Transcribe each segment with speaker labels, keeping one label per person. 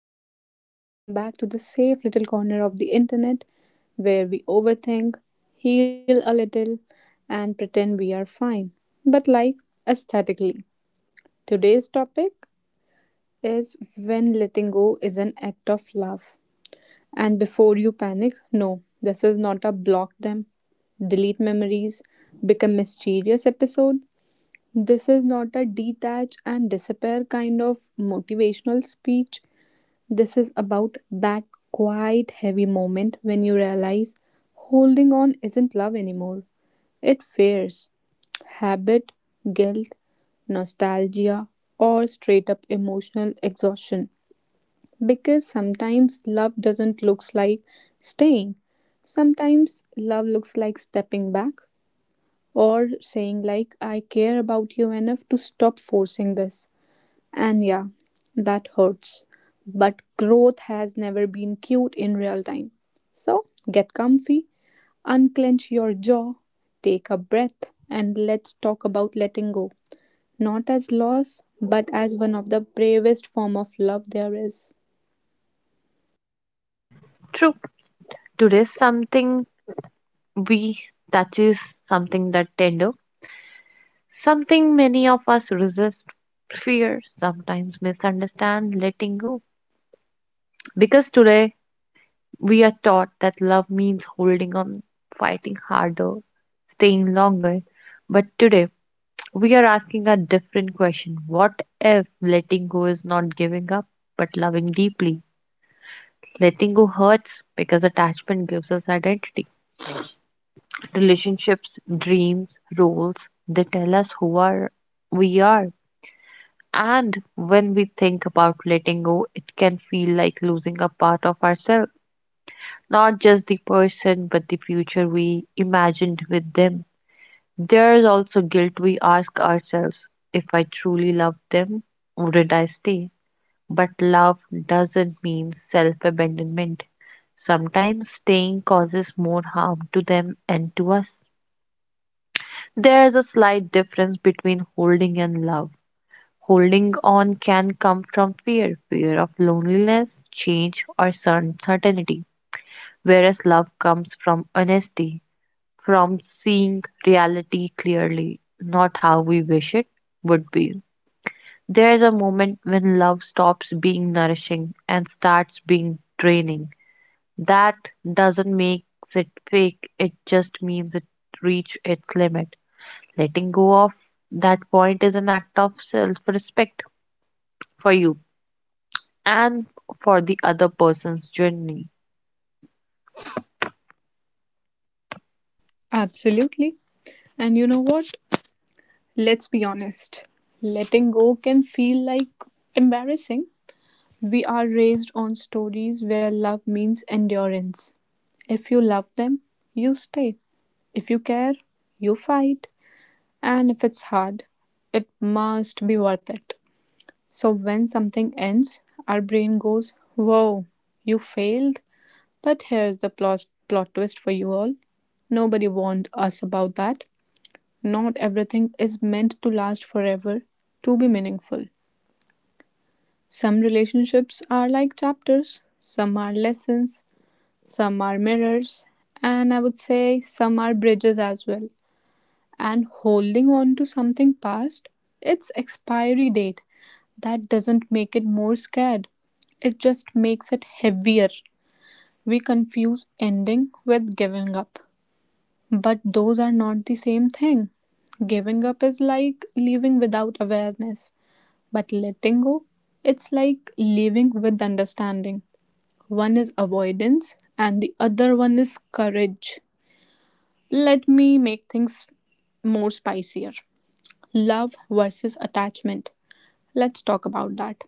Speaker 1: all, welcome back to the safe little corner of the internet where we overthink, heal a little, and pretend we are fine, but like aesthetically. Today's topic is when letting go is an act of love. And before you panic, no, this is not a block them, delete memories, become mysterious episode. This is not a detach and disappear kind of motivational speech. This is about that quiet, heavy moment when you realize holding on isn't love anymore. It fears, habit, guilt, nostalgia, or straight up emotional exhaustion. Because sometimes love doesn't look like staying. Sometimes love looks like stepping back or saying like I care about you enough to stop forcing this. And yeah, that hurts. But growth has never been cute in real time. So get comfy, unclench your jaw, take a breath, and let's talk about letting go. Not as loss, but as one of the bravest form of love there is.
Speaker 2: True. Today, something we touch is something that tender, something many of us resist, fear, sometimes misunderstand, letting go. Because today, we are taught that love means holding on, fighting harder, staying longer. But today, we are asking a different question. What if letting go is not giving up, but loving deeply? Letting go hurts because attachment gives us identity relationships, dreams, roles. They tell us who are we are. And when we think about letting go, it can feel like losing a part of ourselves, not just the person, but the future we imagined with them. There is also guilt we ask ourselves if I truly loved them, wouldn't I stay? But love doesn't mean self abandonment. Sometimes staying causes more harm to them and to us. There is a slight difference between holding and love. Holding on can come from fear, fear of loneliness, change, or certainty, whereas love comes from honesty, from seeing reality clearly, not how we wish it would be. There is a moment when love stops being nourishing and starts being draining. That doesn't make it fake, it just means it reached its limit. Letting go of that point is an act of self respect for you and for the other person's journey.
Speaker 1: Absolutely. And you know what? Let's be honest. Letting go can feel like embarrassing. We are raised on stories where love means endurance. If you love them, you stay. If you care, you fight. And if it's hard, it must be worth it. So when something ends, our brain goes, whoa, you failed. But here's the plot twist for you all. Nobody warned us about that. Not everything is meant to last forever to be meaningful. Some relationships are like chapters, some are lessons, some are mirrors, and I would say some are bridges as well. And holding on to something past its expiry date, that doesn't make it more scared, it just makes it heavier. We confuse ending with giving up, but those are not the same thing. Giving up is like leaving without awareness, but letting go, it's like leaving with understanding. One is avoidance, and the other one is courage. Let me make things more spicier. Love versus attachment. Let's talk about that.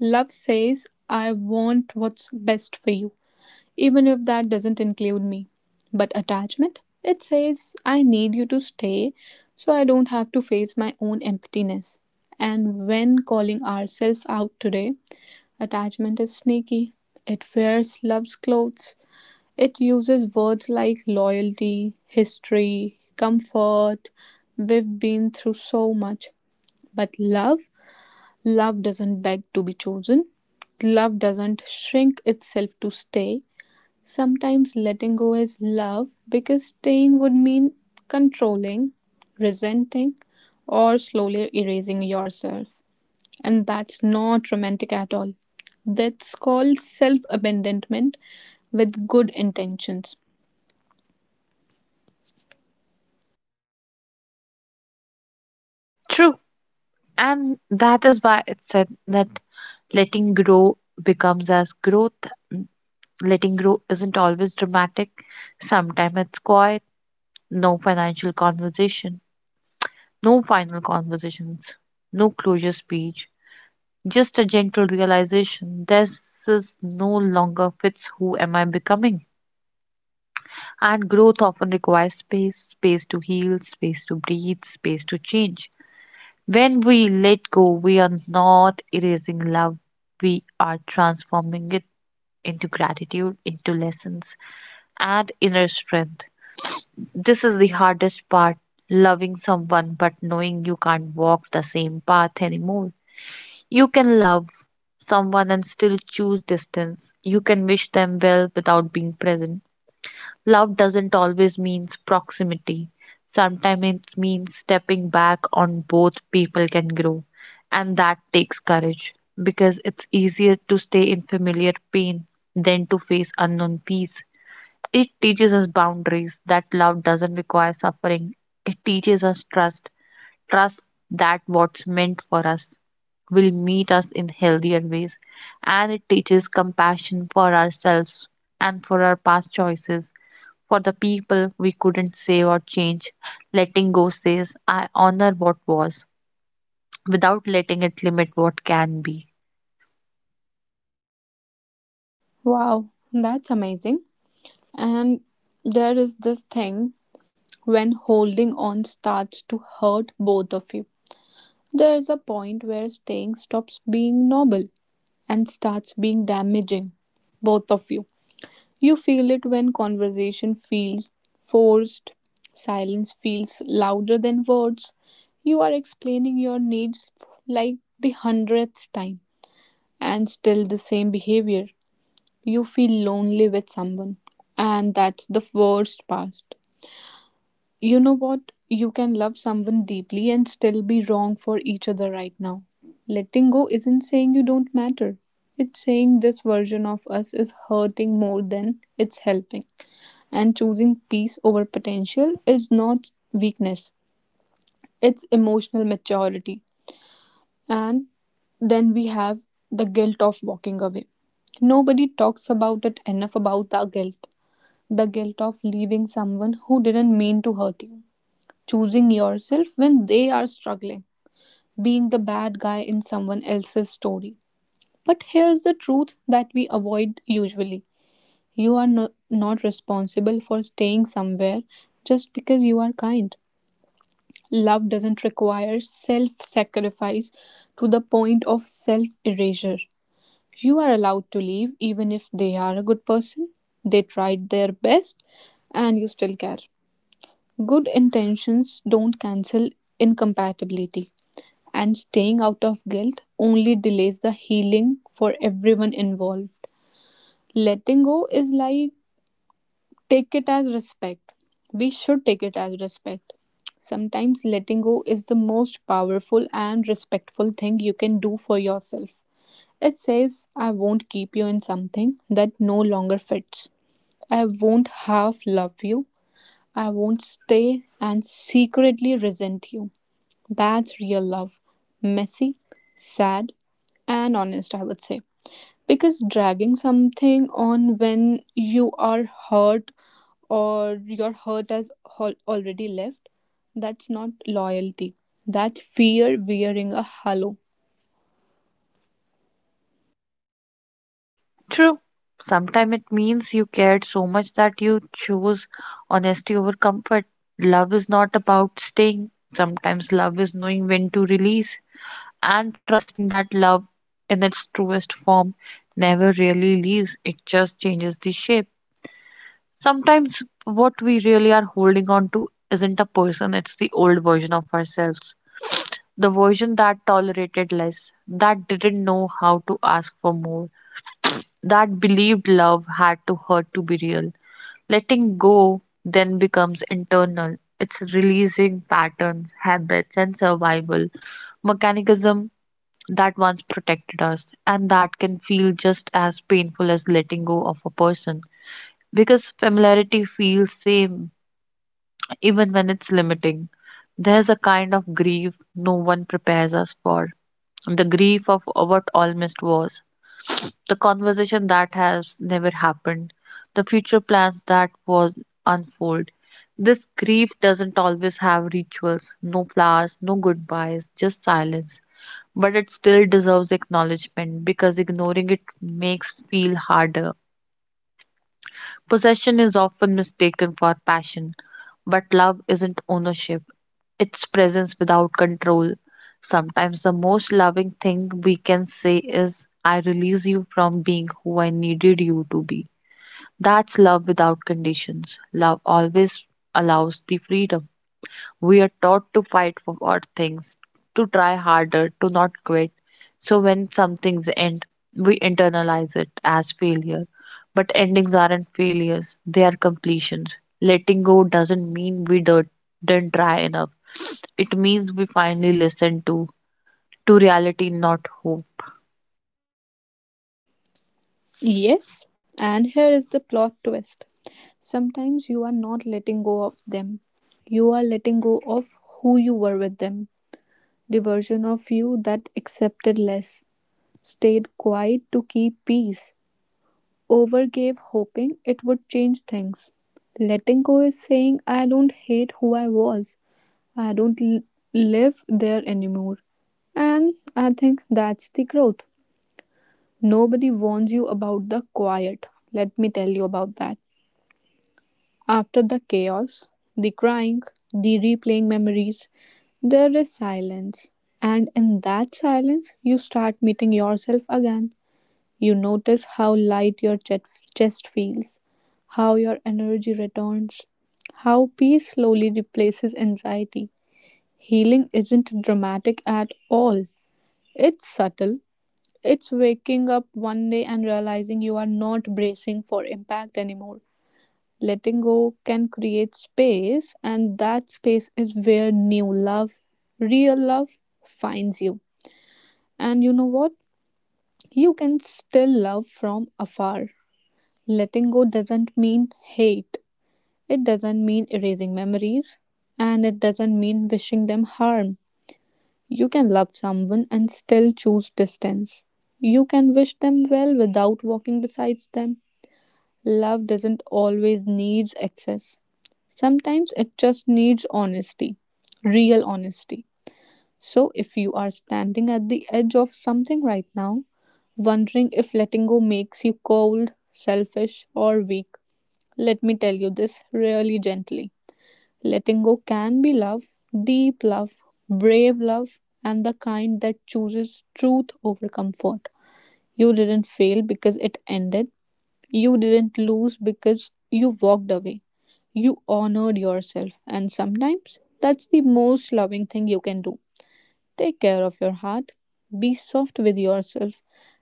Speaker 1: Love says, I want what's best for you, even if that doesn't include me. But attachment, it says, I need you to stay so I don't have to face my own emptiness. And when calling ourselves out today, attachment is sneaky. It wears love's clothes. It uses words like loyalty, history, comfort, we've been through so much. But love doesn't beg to be chosen. Love doesn't shrink itself to stay. Sometimes letting go is love because staying would mean controlling, resenting, or slowly erasing yourself. And that's not romantic at all. That's called self abandonment with good intentions.
Speaker 2: True. And that is why it's said that letting grow becomes as growth. Letting grow isn't always dramatic. Sometimes it's quiet, no financial conversation, no final conversations, no closure speech, just a gentle realization this is no longer fits who am I becoming. And growth often requires space space to heal, space to breathe, space to change. When we let go, we are not erasing love, we are transforming it into gratitude, into lessons, and inner strength. This is the hardest part loving someone, but knowing you can't walk the same path anymore. You can love someone and still choose distance. You can wish them well without being present. Love doesn't always mean proximity. Sometimes it means stepping back on both people can grow. And that takes courage because it's easier to stay in familiar pain than to face unknown peace. It teaches us boundaries that love doesn't require suffering. It teaches us trust, trust that what's meant for us will meet us in healthier ways. And it teaches compassion for ourselves and for our past choices for the people we couldn't save or change, letting go says, I honor what was, without letting it limit what can be.
Speaker 1: Wow, that's amazing. And there is this thing when holding on starts to hurt both of you. There is a point where staying stops being noble and starts being damaging, both of you. You feel it when conversation feels forced, silence feels louder than words. You are explaining your needs like the hundredth time and still the same behavior. You feel lonely with someone, and that's the worst part. You know what? You can love someone deeply and still be wrong for each other right now. Letting go isn't saying you don't matter. It's saying this version of us is hurting more than it's helping. And choosing peace over potential is not weakness, it's emotional maturity. And then we have the guilt of walking away. Nobody talks about it enough about the guilt, the guilt of leaving someone who didn't mean to hurt you, choosing yourself when they are struggling, being the bad guy in someone else's story. But here's the truth that we avoid usually: you are not responsible for staying somewhere just because you are kind. Love doesn't require self sacrifice to the point of self erasure. You are allowed to leave even if they are a good person, they tried their best, and you still care. Good intentions don't cancel incompatibility, and staying out of guilt only delays the healing for everyone involved. Letting go is like take it as respect. We should take it as respect. Sometimes letting go is the most powerful and respectful thing you can do for yourself. It says, I won't keep you in something that no longer fits. I won't half love you. I won't stay and secretly resent you. That's real love. Messy, sad, and honest, I would say. Because dragging something on when you are hurt or your hurt has already left, that's not loyalty. That's fear wearing a halo.
Speaker 2: True. Sometimes it means you cared so much that you chose honesty over comfort. Love is not about staying. Sometimes love is knowing when to release and trusting that love in its truest form never really leaves. It just changes the shape. Sometimes what we really are holding on to isn't a person, it's the old version of ourselves. The version that tolerated less, that didn't know how to ask for more, that believed love had to hurt to be real. Letting go then becomes internal. It's releasing patterns, habits, and survival mechanism that once protected us and that can feel just as painful as letting go of a person because familiarity feels same even when it's limiting. There's a kind of grief no one prepares us for the grief of what almost was, the conversation that has never happened, the future plans that was unfold. This grief doesn't always have rituals, no flowers, no goodbyes, just silence. But it still deserves acknowledgement because ignoring it makes feel harder. Possession is often mistaken for passion, but love isn't ownership, it's presence without control. Sometimes the most loving thing we can say is, I release you from being who I needed you to be. That's love without conditions. Love always allows the freedom. We are taught to fight for our things, to try harder, to not quit. So when some things end, we internalize it as failure. But endings aren't failures, they are completions. Letting go doesn't mean we don't, didn't try enough. It means we finally listened to reality, not hope.
Speaker 1: Yes, and here is the plot twist. Sometimes you are not letting go of them. You are letting go of who you were with them, the version of you that accepted less, stayed quiet to keep peace, overgave hoping it would change things. Letting go is saying, I don't hate who I was, I don't live there anymore. And I think that's the growth. Nobody warns you about the quiet. Let me tell you about that. After the chaos, the crying, the replaying memories, there is silence. And in that silence, you start meeting yourself again. You notice how light your chest feels, how your energy returns, how peace slowly replaces anxiety. Healing isn't dramatic at all, it's subtle. It's waking up one day and realizing you are not bracing for impact anymore. Letting go can create space, and that space is where new love, real love, finds you. And you know what? You can still love from afar. Letting go doesn't mean hate, it doesn't mean erasing memories, and it doesn't mean wishing them harm. You can love someone and still choose distance. You can wish them well without walking beside them. Love doesn't always need excess. Sometimes it just needs honesty, real honesty. So if you are standing at the edge of something right now, wondering if letting go makes you cold, selfish, or weak, let me tell you this really gently. Letting go can be love, deep love, brave love, and the kind that chooses truth over comfort. You didn't fail because it ended, you didn't lose because you walked away. You honored yourself, and sometimes that's the most loving thing you can do. Take care of your heart, be soft with yourself,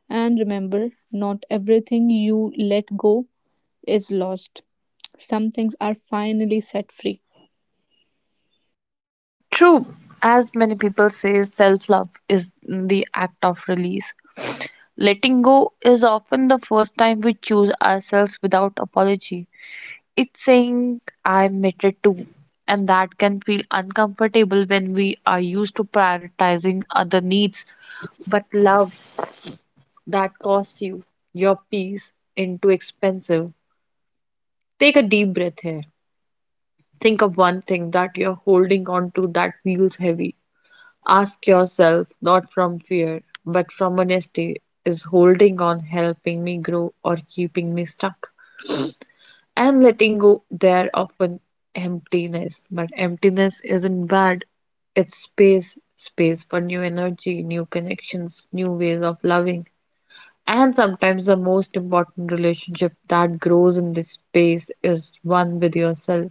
Speaker 1: and remember not everything you let go is lost. Some things are finally set free.
Speaker 2: True. As many people say, self love is the act of release. Letting go is often the first time we choose ourselves without apology. It's saying I'm matter too, and that can feel uncomfortable when we are used to prioritizing other needs. But love that costs you your peace into expensive. Take a deep breath here. Think of one thing that you're holding on to that feels heavy. Ask yourself, not from fear, but from honesty, is holding on helping me grow or keeping me stuck? And letting go there often emptiness, but emptiness isn't bad, it's space space for new energy, new connections, new ways of loving. And sometimes the most important relationship that grows in this space is one with yourself.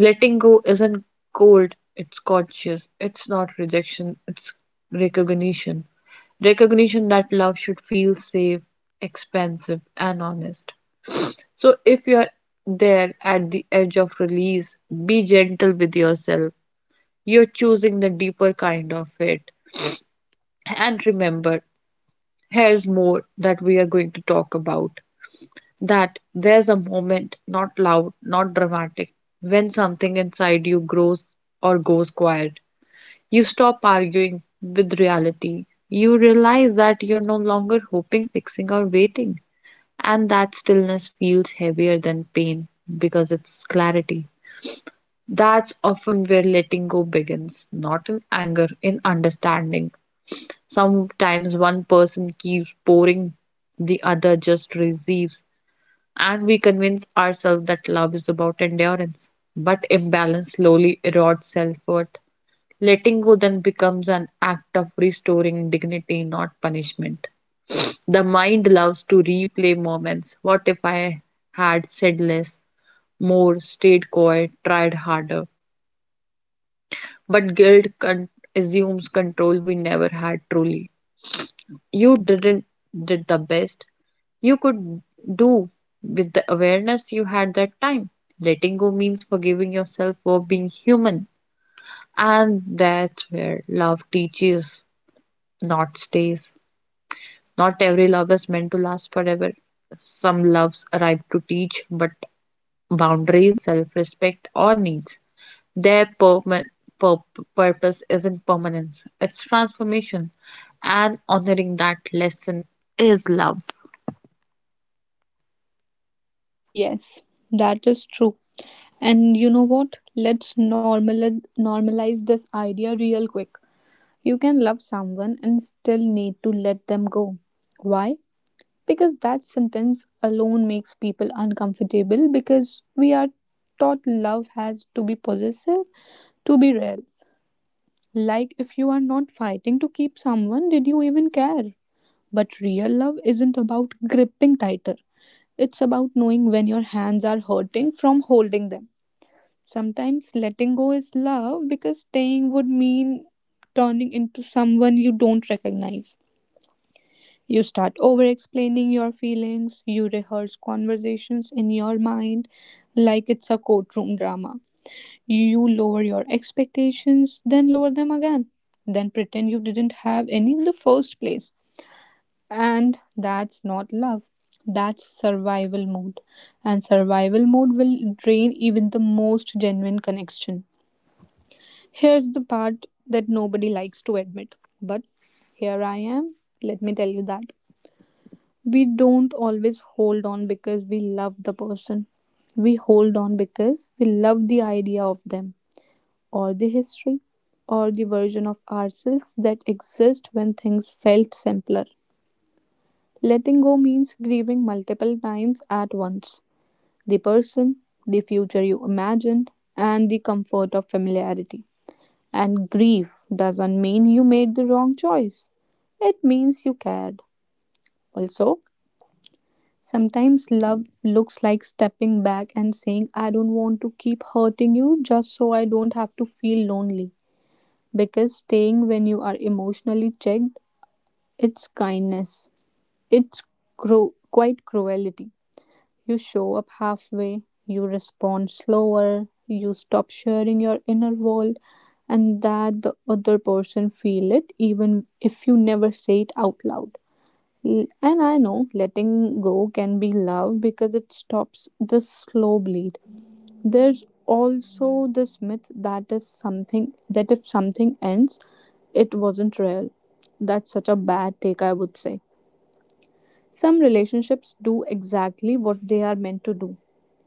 Speaker 2: Letting go isn't cold, it's conscious, it's not rejection, it's recognition, recognition that love should feel safe, expensive, and honest. So if you're there at the edge of release, be gentle with yourself. You're choosing the deeper kind of it. And remember, here's more that we are going to talk about. That there's a moment, not loud, not dramatic, when something inside you grows or goes quiet. You stop arguing with reality. You realize that you're no longer hoping, fixing, or waiting. And that stillness feels heavier than pain because it's clarity. That's often where letting go begins, not in anger, in understanding. Sometimes one person keeps pouring, the other just receives, and we convince ourselves that love is about endurance. But imbalance slowly erodes self worth. Letting go then becomes an act of restoring dignity, not punishment. The mind loves to replay moments. What if I had said less, more, stayed quiet, tried harder? But assumes control we never had truly. You didn't did the best you could do with the awareness you had that time. Letting go means forgiving yourself for being human. And that's where love teaches, not stays. Not every love is meant to last forever. Some loves arrive to teach, but boundaries, self respect, or needs. Their pur- purpose isn't permanence, it's transformation, and honoring that lesson is love.
Speaker 1: Yes, that is true. And you know what? Let's normalize this idea real quick. You can love someone and still need to let them go. Why? Because that sentence alone makes people uncomfortable because we are taught love has to be possessive, to be real. Like if you are not fighting to keep someone, did you even care? But real love isn't about gripping tighter. It's about knowing when your hands are hurting from holding them. Sometimes letting go is love because staying would mean turning into someone you don't recognize. You start over explaining your feelings, you rehearse conversations in your mind like it's a courtroom drama. You lower your expectations, then lower them again, then pretend you didn't have any in the first place. And that's not love. That's survival mode. And survival mode will drain even the most genuine connection. Here's the part that nobody likes to admit. But here I am. Let me tell you that. We don't always hold on because we love the person. We hold on because we love the idea of them, or the history, or the version of ourselves that exists when things felt simpler. Letting go means grieving multiple times at once: the person, the future you imagined, and the comfort of familiarity. And grief doesn't mean you made the wrong choice, it means you cared. Also, sometimes love looks like stepping back and saying, I don't want to keep hurting you just so I don't have to feel lonely. Because staying when you are emotionally checked, it's kindness, it's quite cruelty. You show up halfway, you respond slower, you stop sharing your inner world, and that the other person feel it even if you never say it out loud. And I know letting go can be love because it stops the slow bleed. There's also this myth that is something that if something ends, it wasn't real. That's such a bad take, I would say. Some relationships do exactly what they are meant to do.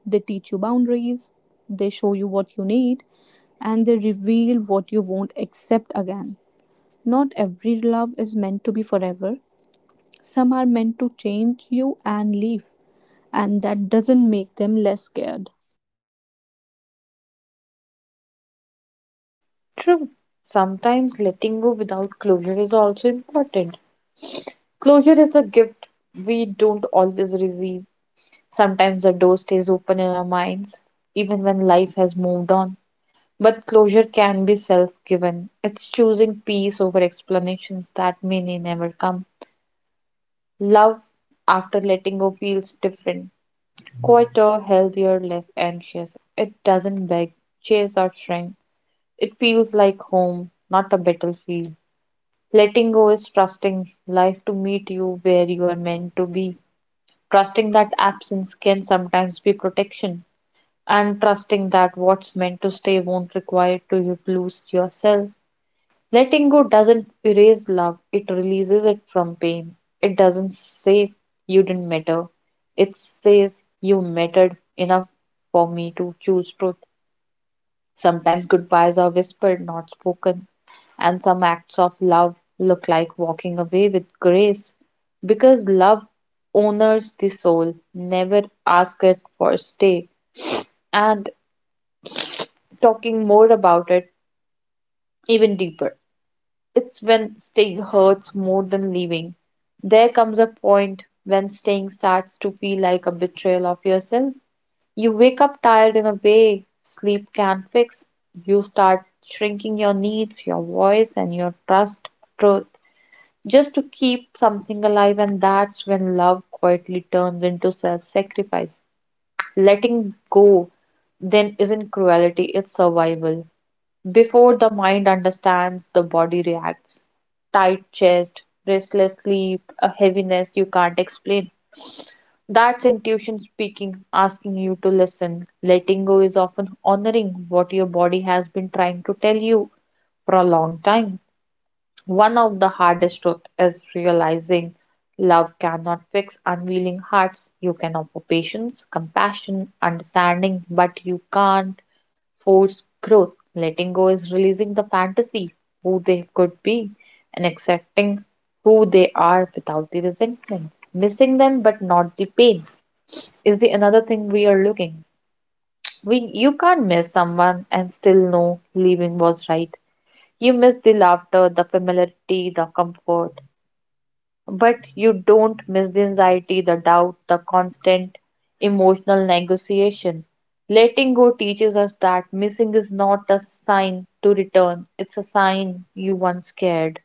Speaker 1: They teach you boundaries, they show you what you need, and they reveal what you won't accept again. Not every love is meant to be forever. Some are meant to change you and leave, and that doesn't make them less scared.
Speaker 2: True. Sometimes letting go without closure is also important. Closure is a gift we don't always receive. Sometimes the door stays open in our minds, even when life has moved on. But closure can be self given. It's choosing peace over explanations that may never come. Love after letting go feels different quieter, healthier, less anxious. It doesn't beg, chase, or shrink. It feels like home, not a battlefield. Letting go is trusting life to meet you where you are meant to be. Trusting that absence can sometimes be protection, and trusting that what's meant to stay won't require to you to lose yourself. Letting go doesn't erase love, it releases it from pain. It doesn't say you didn't matter, it says you mattered enough for me to choose truth. Sometimes goodbyes are whispered, not spoken, and some acts of love look like walking away with grace because love honors the soul, never asks it for stay, and talking more about it even deeper. It's when staying hurts more than leaving. There comes a point when staying starts to feel like a betrayal of yourself. You wake up tired in a way sleep can't fix. You start shrinking your needs, your voice, and your trust, truth, just to keep something alive. And that's when love quietly turns into self sacrifice. Letting go then isn't cruelty, it's survival. Before the mind understands, the body reacts. Tight chest, restless sleep, a heaviness you can't explain. That's intuition speaking, asking you to listen. Letting go is often honoring what your body has been trying to tell you for a long time. One of the hardest truths is realizing love cannot fix unwilling hearts. You can offer patience, compassion, understanding, but you can't forced growth. Letting go is releasing the fantasy, who they could be, and accepting who they are without the resentment. Missing them but not the pain is the another thing we are looking. We You can't miss someone and still know leaving was right. You miss the laughter, the familiarity, the comfort, but you don't miss the anxiety, the doubt, the constant emotional negotiation. Letting go teaches us that missing is not a sign to return, it's a sign you once cared.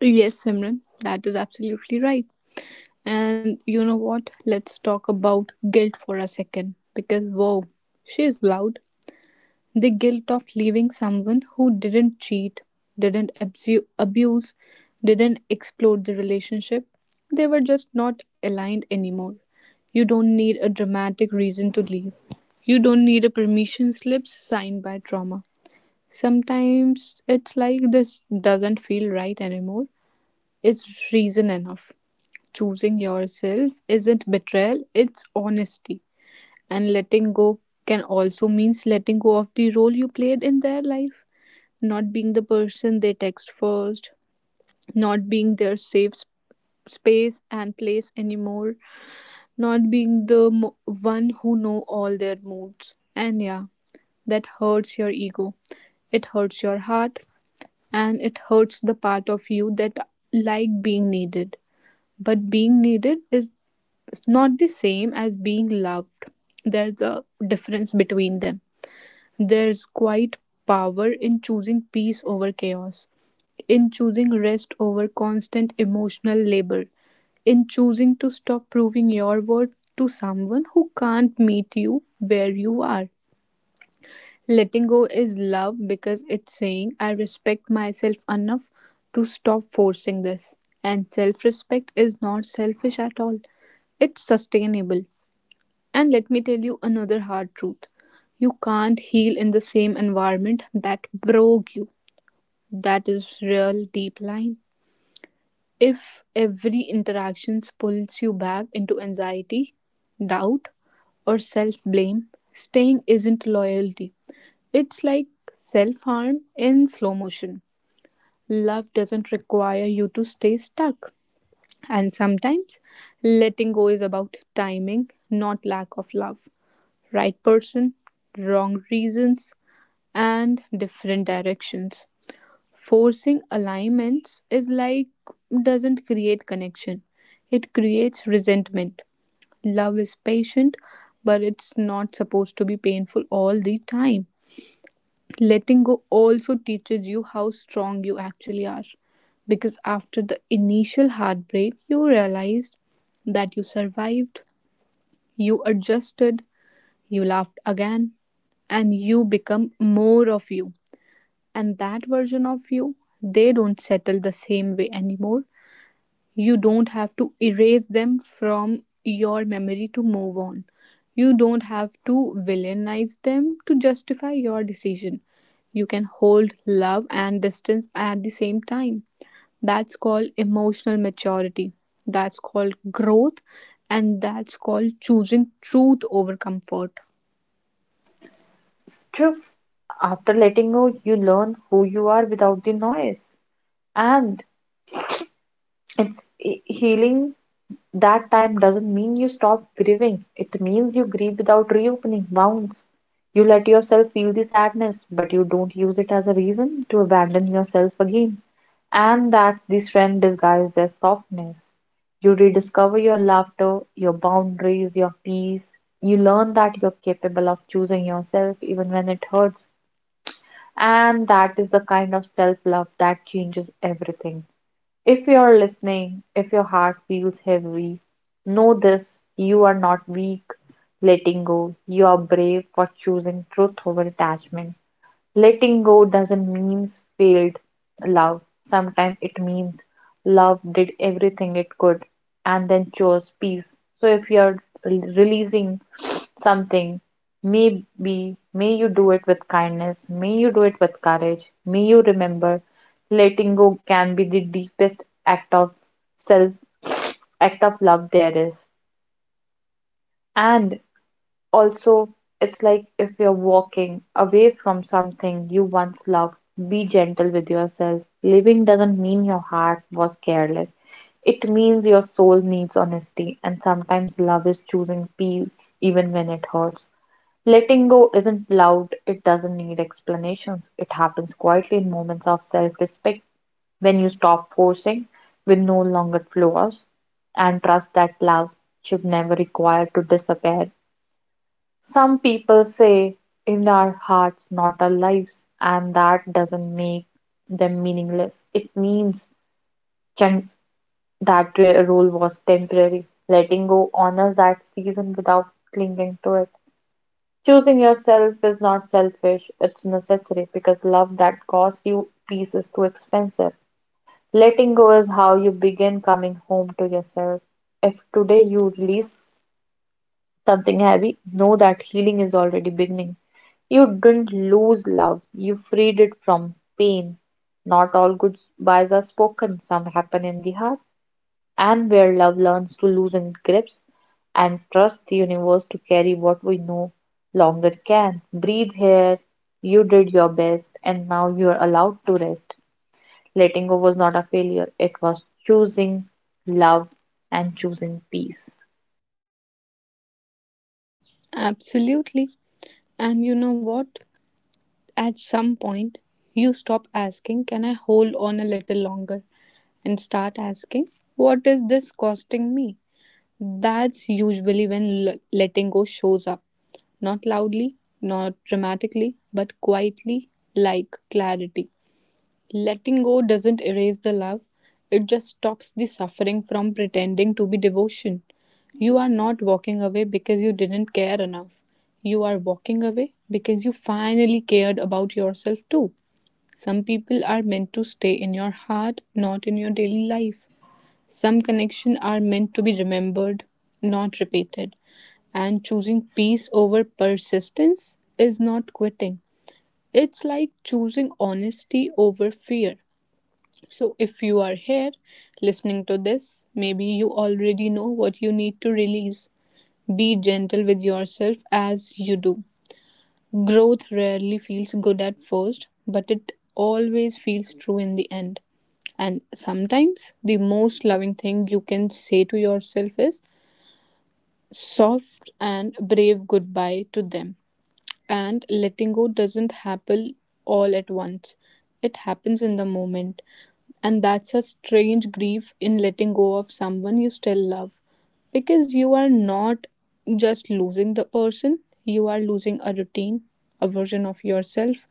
Speaker 1: Yes, Simran, that is absolutely right. And you know what? Let's talk about guilt for a second because, whoa, she is loud. The guilt of leaving someone who didn't cheat, didn't abuse, didn't explode the relationship. They were just not aligned anymore. You don't need a dramatic reason to leave. You don't need a permission slips signed by trauma. Sometimes it's like this doesn't feel right anymore. It's reason enough. Choosing yourself isn't betrayal, it's honesty. And letting go can also means letting go of the role you played in their life, not being the person they text first, not being their space and place anymore, not being the one who know all their moods. And yeah, that hurts your ego. It hurts your heart and it hurts the part of you that like being needed. But being needed is not the same as being loved. There's a difference between them. There's quite power in choosing peace over chaos, in choosing rest over constant emotional labor, in choosing to stop proving your worth to someone who can't meet you where you are. Letting go is love because it's saying I respect myself enough to stop forcing this. And self respect is not selfish at all, it's sustainable. And let me tell you another hard truth, you can't heal in the same environment that broke you. That is real deep line. If every interaction pulls you back into anxiety, doubt, or self blame, staying isn't loyalty. It's like self harm in slow motion. Love doesn't require you to stay stuck. And sometimes letting go is about timing, not lack of love. Right person, wrong reasons, and different directions. Forcing alignments is like doesn't create connection, it creates resentment. Love is patient, but it's not supposed to be painful all the time. Letting go also teaches you how strong you actually are because after the initial heartbreak, you realized that you survived, you adjusted, you laughed again and you become more of you. And that version of you, they don't settle the same way anymore. You don't have to erase them from your memory to move on. You don't have to villainize them to justify your decision. You can hold love and distance at the same time. That's called emotional maturity. That's called growth. And that's called choosing truth over comfort.
Speaker 2: True. After letting go, you learn who you are without the noise. And it's healing. That time doesn't mean you stop grieving. It means you grieve without reopening wounds. You let yourself feel the sadness, but you don't use it as a reason to abandon yourself again. And that's the strength disguised as softness. You rediscover your laughter, your boundaries, your peace. You learn that you're capable of choosing yourself even when it hurts. And that is the kind of self love that changes everything. If you are listening, if your heart feels heavy, know this you are not weak letting go. You are brave for choosing truth over attachment. Letting go doesn't mean failed love. Sometimes it means love did everything it could and then chose peace. So if you're releasing something, maybe may you do it with kindness, may you do it with courage, may you remember letting go can be the deepest act of self act of love there is. And also, it's like if you're walking away from something you once loved, be gentle with yourself. Living doesn't mean your heart was careless, it means your soul needs honesty, and sometimes love is choosing peace even when it hurts. Letting go isn't loud, it doesn't need explanations. It happens quietly in moments of self respect when you stop forcing with no longer flaws and trust that love should never require to disappear some people say, in our hearts, not our lives, and that doesn't make them meaningless. It means chan- rule was temporary. Letting go honors that season without clinging to it. Choosing yourself is not selfish, it's necessary because love that costs you peace is too expensive. Letting go is how you begin coming home to yourself. If today you release something heavy, know that healing is already beginning. You didn't lose love, you freed it from pain. Not all goodbyes are spoken, some happen in the heart, and where love learns to loosen grips and trust the universe to carry what we no longer can. Breathe here, you did your best, and now you are allowed to rest. Letting go was not a failure, it was choosing love and choosing peace.
Speaker 1: Absolutely. And you know what? At some point, you stop asking, can I hold on a little longer? And start asking, what is this costing me? That's usually when letting go shows up. Not loudly, not dramatically, but quietly, like clarity. Letting go doesn't erase the love, it just stops the suffering from pretending to be devotion. You are not walking away because you didn't care enough. You are walking away because you finally cared about yourself too. Some people are meant to stay in your heart, not in your daily life. Some connections are meant to be remembered, not repeated. And choosing peace over persistence is not quitting. It's like choosing honesty over fear. So, if you are here listening to this, maybe you already know what you need to release. Be gentle with yourself as you do. Growth rarely feels good at first, but it always feels true in the end. And sometimes the most loving thing you can say to yourself is soft and brave goodbye to them. And letting go doesn't happen all at once, it happens in the moment. And that's a strange grief in letting go of someone you still love. Because you are not just losing the person, you are losing a routine, a version of yourself,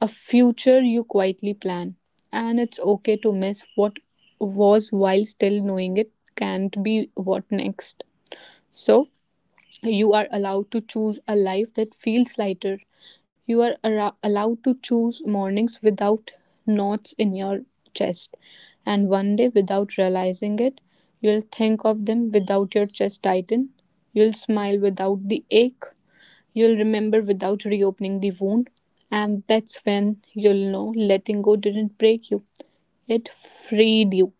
Speaker 1: a future you quietly plan. And it's okay to miss what was while still knowing it can't be what next. So, you are allowed to choose a life that feels lighter. You are allowed to choose mornings without knots in your chest. And one day, without realizing it, you'll think of them without your chest tighten. You'll smile without the ache. You'll remember without reopening the wound. And that's when you'll know letting go didn't break you, it freed you.